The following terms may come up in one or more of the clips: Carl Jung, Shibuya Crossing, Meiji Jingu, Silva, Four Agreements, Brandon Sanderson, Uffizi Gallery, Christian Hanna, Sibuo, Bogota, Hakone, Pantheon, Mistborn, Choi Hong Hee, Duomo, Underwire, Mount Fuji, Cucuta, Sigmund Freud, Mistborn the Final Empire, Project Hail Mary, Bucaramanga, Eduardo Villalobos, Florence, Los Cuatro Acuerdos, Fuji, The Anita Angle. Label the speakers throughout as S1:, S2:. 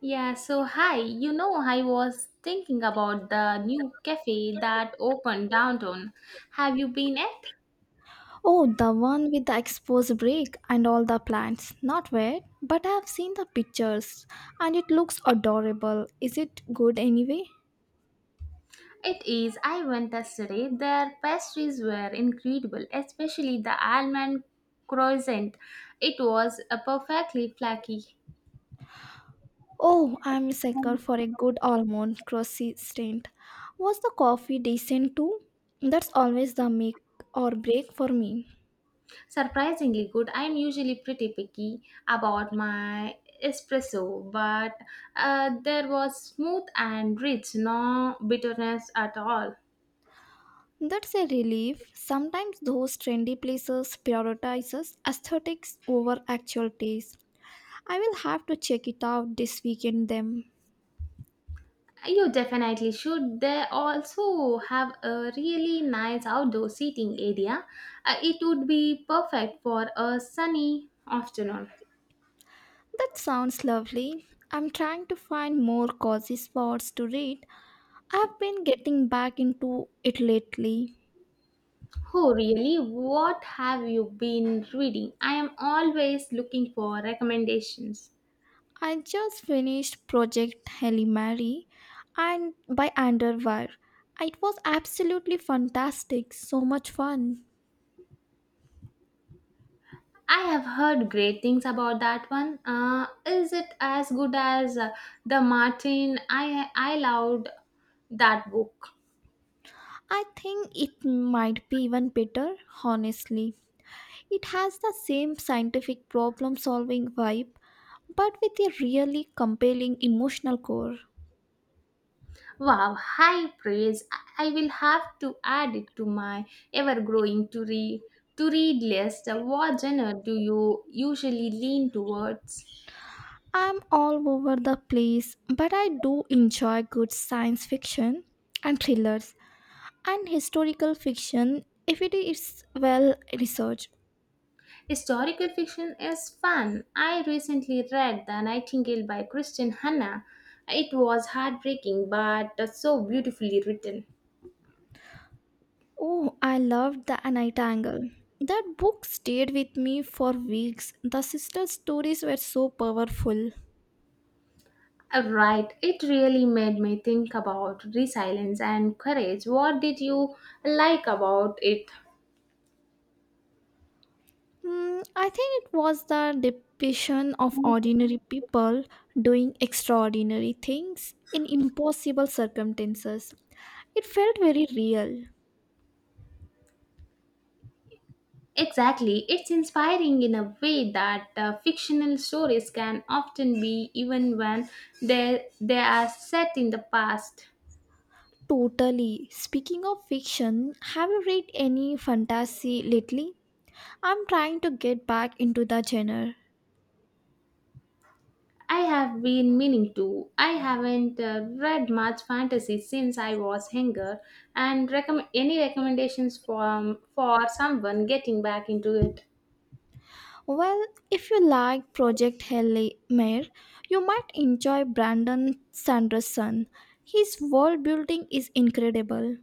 S1: Yeah, so hi, I was thinking about the new cafe that opened downtown. Have you been it?
S2: Oh, the one with the exposed brick and all the plants. Not wet, but I have seen the pictures and it looks adorable. Is it good anyway?
S1: It is. I went yesterday. Their pastries were incredible, especially the almond croissant. It was a perfectly flaky,
S2: Oh, I'm a sucker for a good almond croissant. Was the coffee decent too? That's always the make or break for me.
S1: surprisingly good. I'm usually pretty picky about my espresso, but there was smooth and rich, no bitterness at all.
S2: That's a relief. Sometimes those trendy places prioritizes aesthetics over actual taste. I will have to check it out this weekend then.
S1: You definitely should. They also have a really nice outdoor seating area. It would be perfect for a sunny afternoon.
S2: That sounds lovely. I'm trying to find more cozy spots to read. I've been getting back into it lately.
S1: Oh, really? What have you been reading? I am always looking for recommendations.
S2: I just finished Project Hail Mary and by Underwire. It was absolutely fantastic, so much fun.
S1: I have heard great things about that one. Is it as good as the Martin? I loved that book.
S2: I think it might be even better, honestly. It has the same scientific problem solving vibe, but with a really compelling emotional core.
S1: Wow, high praise. I will have to add it to my ever growing to read list. What genre do you usually lean towards?
S2: I'm all over the place, but I do enjoy good science fiction and thrillers and historical fiction if it is well researched.
S1: Historical fiction is fun. I recently read The Nightingale by Christian Hanna. It was heartbreaking but so beautifully written.
S2: Oh, I loved The Anita Angle. That book stayed with me for weeks. The sisters' stories were so powerful.
S1: Right, it really made me think about resilience and courage. What did you like about it?
S2: Hmm, I think it was the depiction of ordinary people doing extraordinary things in impossible circumstances. It felt very real.
S1: Exactly, it's inspiring in a way that fictional stories can often be, even when they are set in the past.
S2: Totally. Speaking of fiction, have you read any fantasy lately? I'm trying to get back into the genre.
S1: I have been meaning to. I haven't read much fantasy since I was younger, and recommend any recommendations from for someone getting back into it.
S2: Well, if you like Project Hail Mary, you might enjoy Brandon Sanderson. His world building is incredible.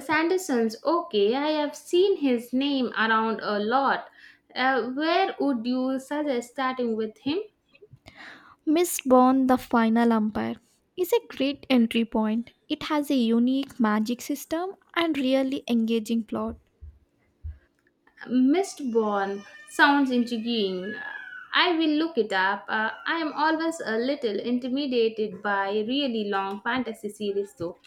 S1: Sanderson's okay. I have seen his name around a lot. Where would you suggest starting with him?
S2: Mistborn the Final Empire is a great entry point. It has a unique magic system and really engaging plot.
S1: Mistborn sounds intriguing. I will look it up. I am always a little intimidated by really long fantasy series, though.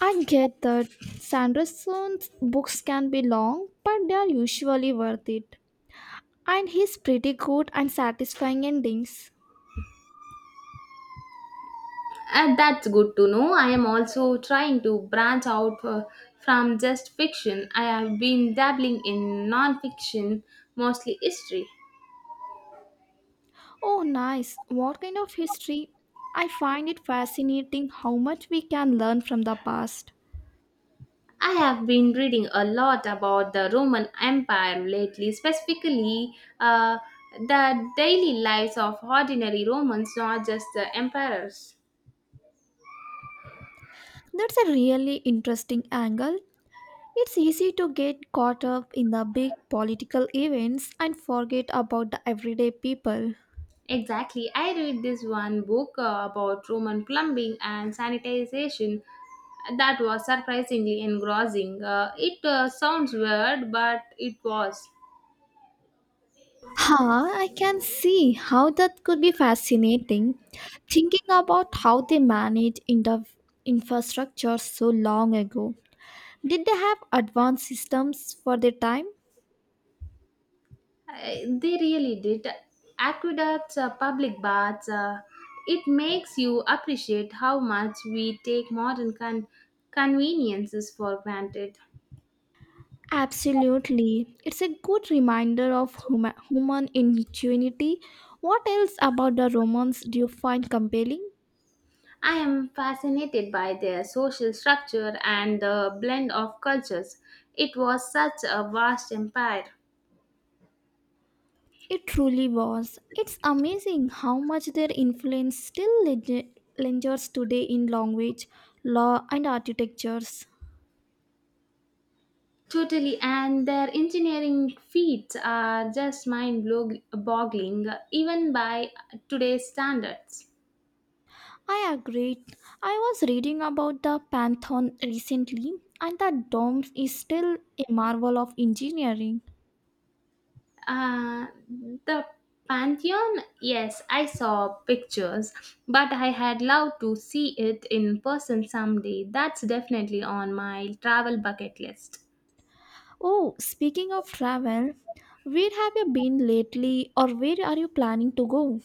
S2: I get that Sanderson's books can be long, but they are usually worth it. And he's pretty good and satisfying endings.
S1: That's good to know. I am also trying to branch out from just fiction. I have been dabbling in non fiction, mostly history.
S2: Oh, nice. What kind of history? I find it fascinating how much we can learn from the past.
S1: I have been reading a lot about the Roman Empire lately, specifically uh, the daily lives of ordinary Romans, not just the emperors.
S2: That's a really interesting angle. It's easy to get caught up in the big political events and forget about the everyday people.
S1: Exactly. I read this one book about Roman plumbing and sanitization that was surprisingly engrossing. It sounds weird, but it was.
S2: Huh, I can see how that could be fascinating. Thinking about how they managed infrastructure so long ago. Did they have advanced systems for their time?
S1: They really did. Aqueducts, public baths, it makes you appreciate how much we take modern conveniences for granted.
S2: Absolutely. It's a good reminder of human ingenuity. What else about the Romans do you find compelling?
S1: I am fascinated by their social structure and the blend of cultures. It was such a vast empire.
S2: It truly was. It's amazing how much their influence still lingers today in language, law, and architectures.
S1: Totally, and their engineering feats are just mind boggling, even by today's standards.
S2: I agreed. I was reading about the Pantheon recently, and the dome is still a marvel of engineering.
S1: Uh, the Pantheon, yes, I saw pictures, but I had loved to see it in person someday. That's definitely on my travel bucket list.
S2: Oh, speaking of travel, where have you been lately, or where are you planning to go?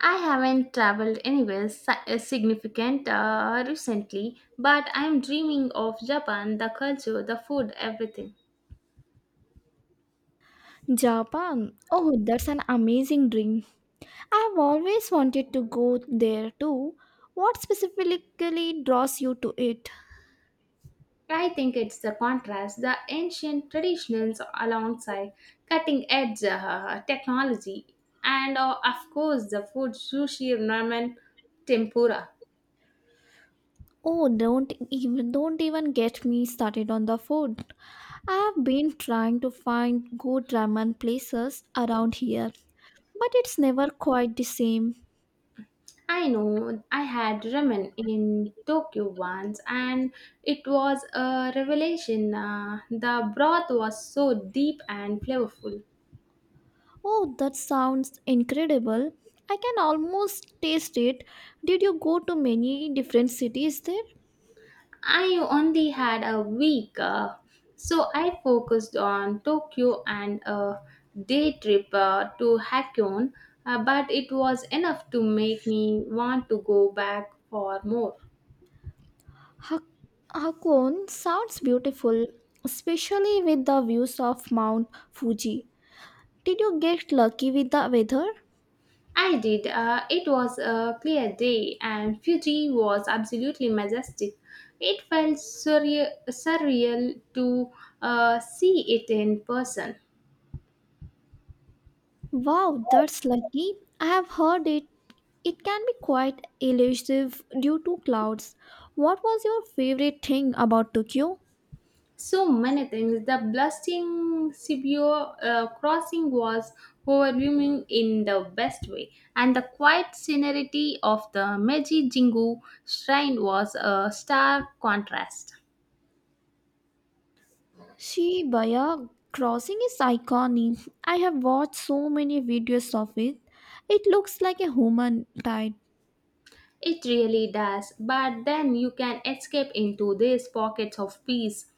S1: I haven't traveled anywhere significant recently, but I'm dreaming of Japan, the culture, the food, everything.
S2: Japan. Oh, that's an amazing dream. I've always wanted to go there too. What specifically draws you to it?
S1: I think it's the contrast, the ancient traditions alongside cutting edge technology, and of course the food sushi, ramen, tempura.
S2: Oh, don't even get me started on the food. I've been trying to find good ramen places around here, but it's never quite the same.
S1: I know I had ramen in Tokyo once and it was a revelation. The broth was so deep and flavorful.
S2: Oh, that sounds incredible. I can almost taste it. Did you go to many different cities there?
S1: I only had a week, so I focused on Tokyo and a day trip to Hakone, but it was enough to make me want to go back for more.
S2: Hak- Hakone sounds beautiful, especially with the views of Mount Fuji. Did you get lucky with the weather?
S1: I did. It was a clear day, and Fuji was absolutely majestic. It felt surreal to see it in person.
S2: Wow, that's lucky. I have heard it. It can be quite elusive due to clouds. What was your favorite thing about Tokyo?
S1: So many things. The blasting Sibuo crossing was overwhelming in the best way, and the quiet serenity of the Meiji Jingu shrine was a stark contrast.
S2: Shibuya Crossing is iconic. I have watched so many videos of it. It looks like a human tide.
S1: It really does, but then you can escape into these pockets of peace.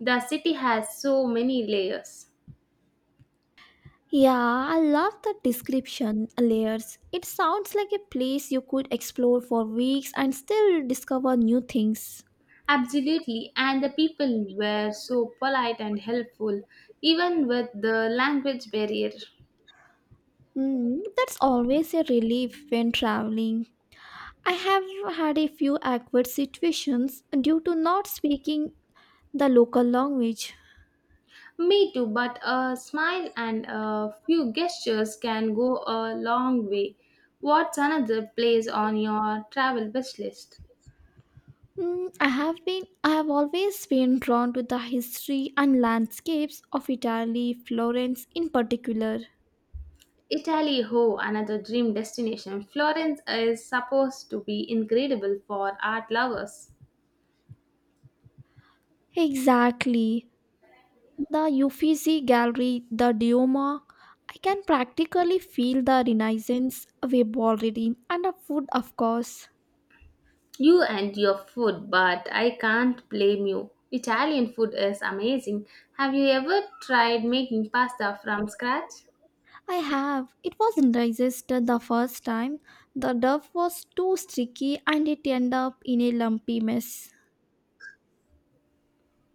S1: The city has so many layers.
S2: Yeah, I love the description layers. It sounds like a place you could explore for weeks and still discover new things.
S1: Absolutely, and the people were so polite and helpful, even with the language barrier.
S2: Hmm, that's always a relief when traveling. I have had a few awkward situations due to not speaking the local language.
S1: Me too, but a smile and a few gestures can go a long way. What's another place on your travel wish list?
S2: Mm, I have always been drawn to the history and landscapes of Italy, Florence in particular.
S1: Italy, ho, another dream destination. Florence is supposed to be incredible for art lovers.
S2: Exactly. The Uffizi Gallery, the Duomo. I can practically feel the Renaissance wave already, and the food, of course.
S1: You and your food, but I can't blame you. Italian food is amazing. Have you ever tried making pasta from scratch?
S2: I have. It wasn't resisted the first time. The dough was too sticky and it ended up in a lumpy mess.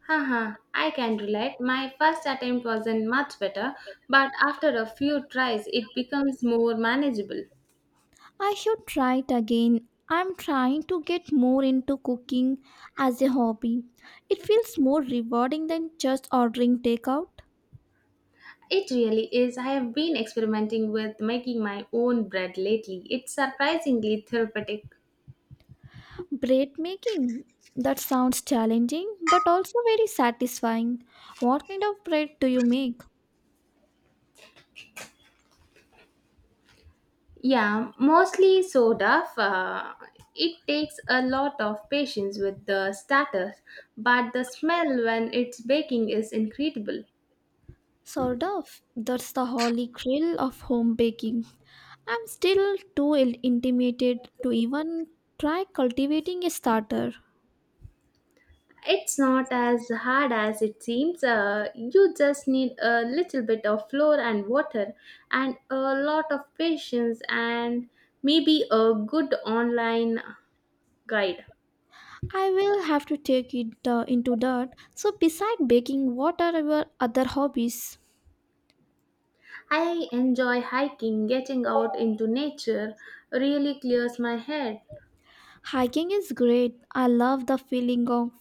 S1: Haha, I can relate. My first attempt wasn't much better, but after a few tries, it becomes more manageable.
S2: I should try it again. I'm trying to get more into cooking as a hobby. It feels more rewarding than just ordering takeout.
S1: It really is. I have been experimenting with making my own bread lately. It's surprisingly therapeutic.
S2: Bread making. That sounds challenging but also very satisfying. What kind of bread do you make?
S1: Yeah, mostly soda. It takes a lot of patience with the starters, but the smell when it's baking is incredible.
S2: Sort of. That's the holy grail of home baking. I'm still too intimidated to even try cultivating a starter.
S1: It's not as hard as it seems. You just need a little bit of flour and water and a lot of patience and maybe a good online guide.
S2: I will have to take it into that. So, beside baking, what are your other hobbies?
S1: I enjoy hiking, getting out into nature really clears my head.
S2: Hiking is great. I love the feeling of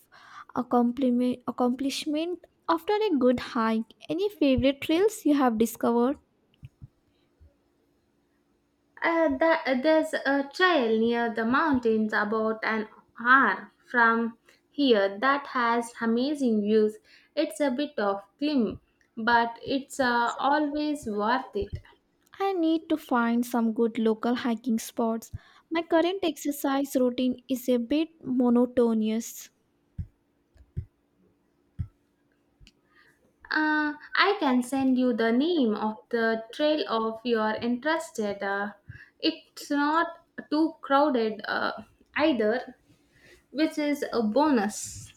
S2: accomplishment after a good hike. Any favorite trails you have discovered?
S1: There's a trail near the mountains about an hour from here that has amazing views. It's a bit of climb, but it's always worth it.
S2: I need to find some good local hiking spots. My current exercise routine is a bit monotonous.
S1: I can send you the name of the trail if you're interested. It's not too crowded either, which is a bonus.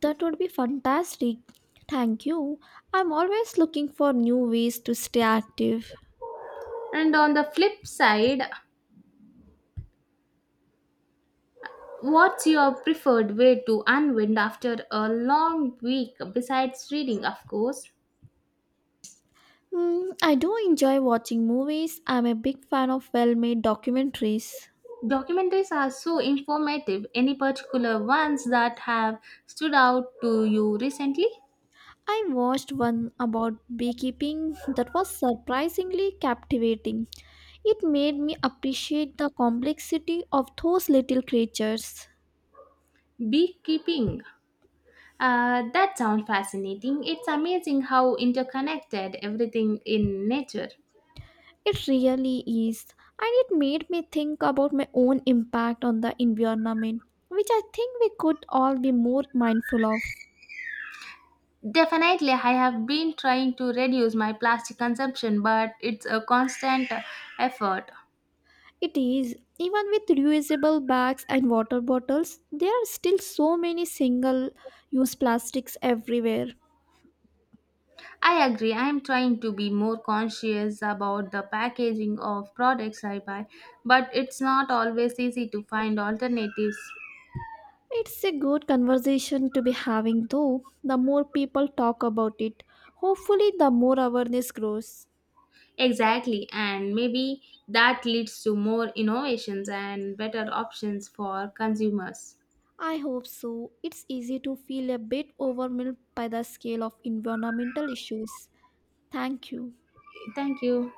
S2: That would be fantastic. Thank you. I'm always looking for new ways to stay active.
S1: And on the flip side, what's your preferred way to unwind after a long week, besides reading, of course?
S2: Mm, I do enjoy watching movies. I'm a big fan of well made documentaries.
S1: Documentaries are so informative. Any particular ones that have stood out to you recently?
S2: I watched one about beekeeping that was surprisingly captivating. It made me appreciate the complexity of those little creatures.
S1: Beekeeping. That sounds fascinating. It's amazing how interconnected everything in nature.
S2: It really is, and it made me think about my own impact on the environment, which I think we could all be more mindful of.
S1: Definitely, I have been trying to reduce my plastic consumption, but it's a constant effort.
S2: It is, even with reusable bags and water bottles, there are still so many single use plastics everywhere.
S1: I agree. I am trying to be more conscious about the packaging of products I buy, but it's not always easy to find alternatives.
S2: It's a good conversation to be having, though. The more people talk about it, hopefully, the more awareness grows.
S1: Exactly, and maybe that leads to more innovations and better options for consumers.
S2: I hope so. It's easy to feel a bit overwhelmed by the scale of environmental issues. Thank you.
S1: Thank you.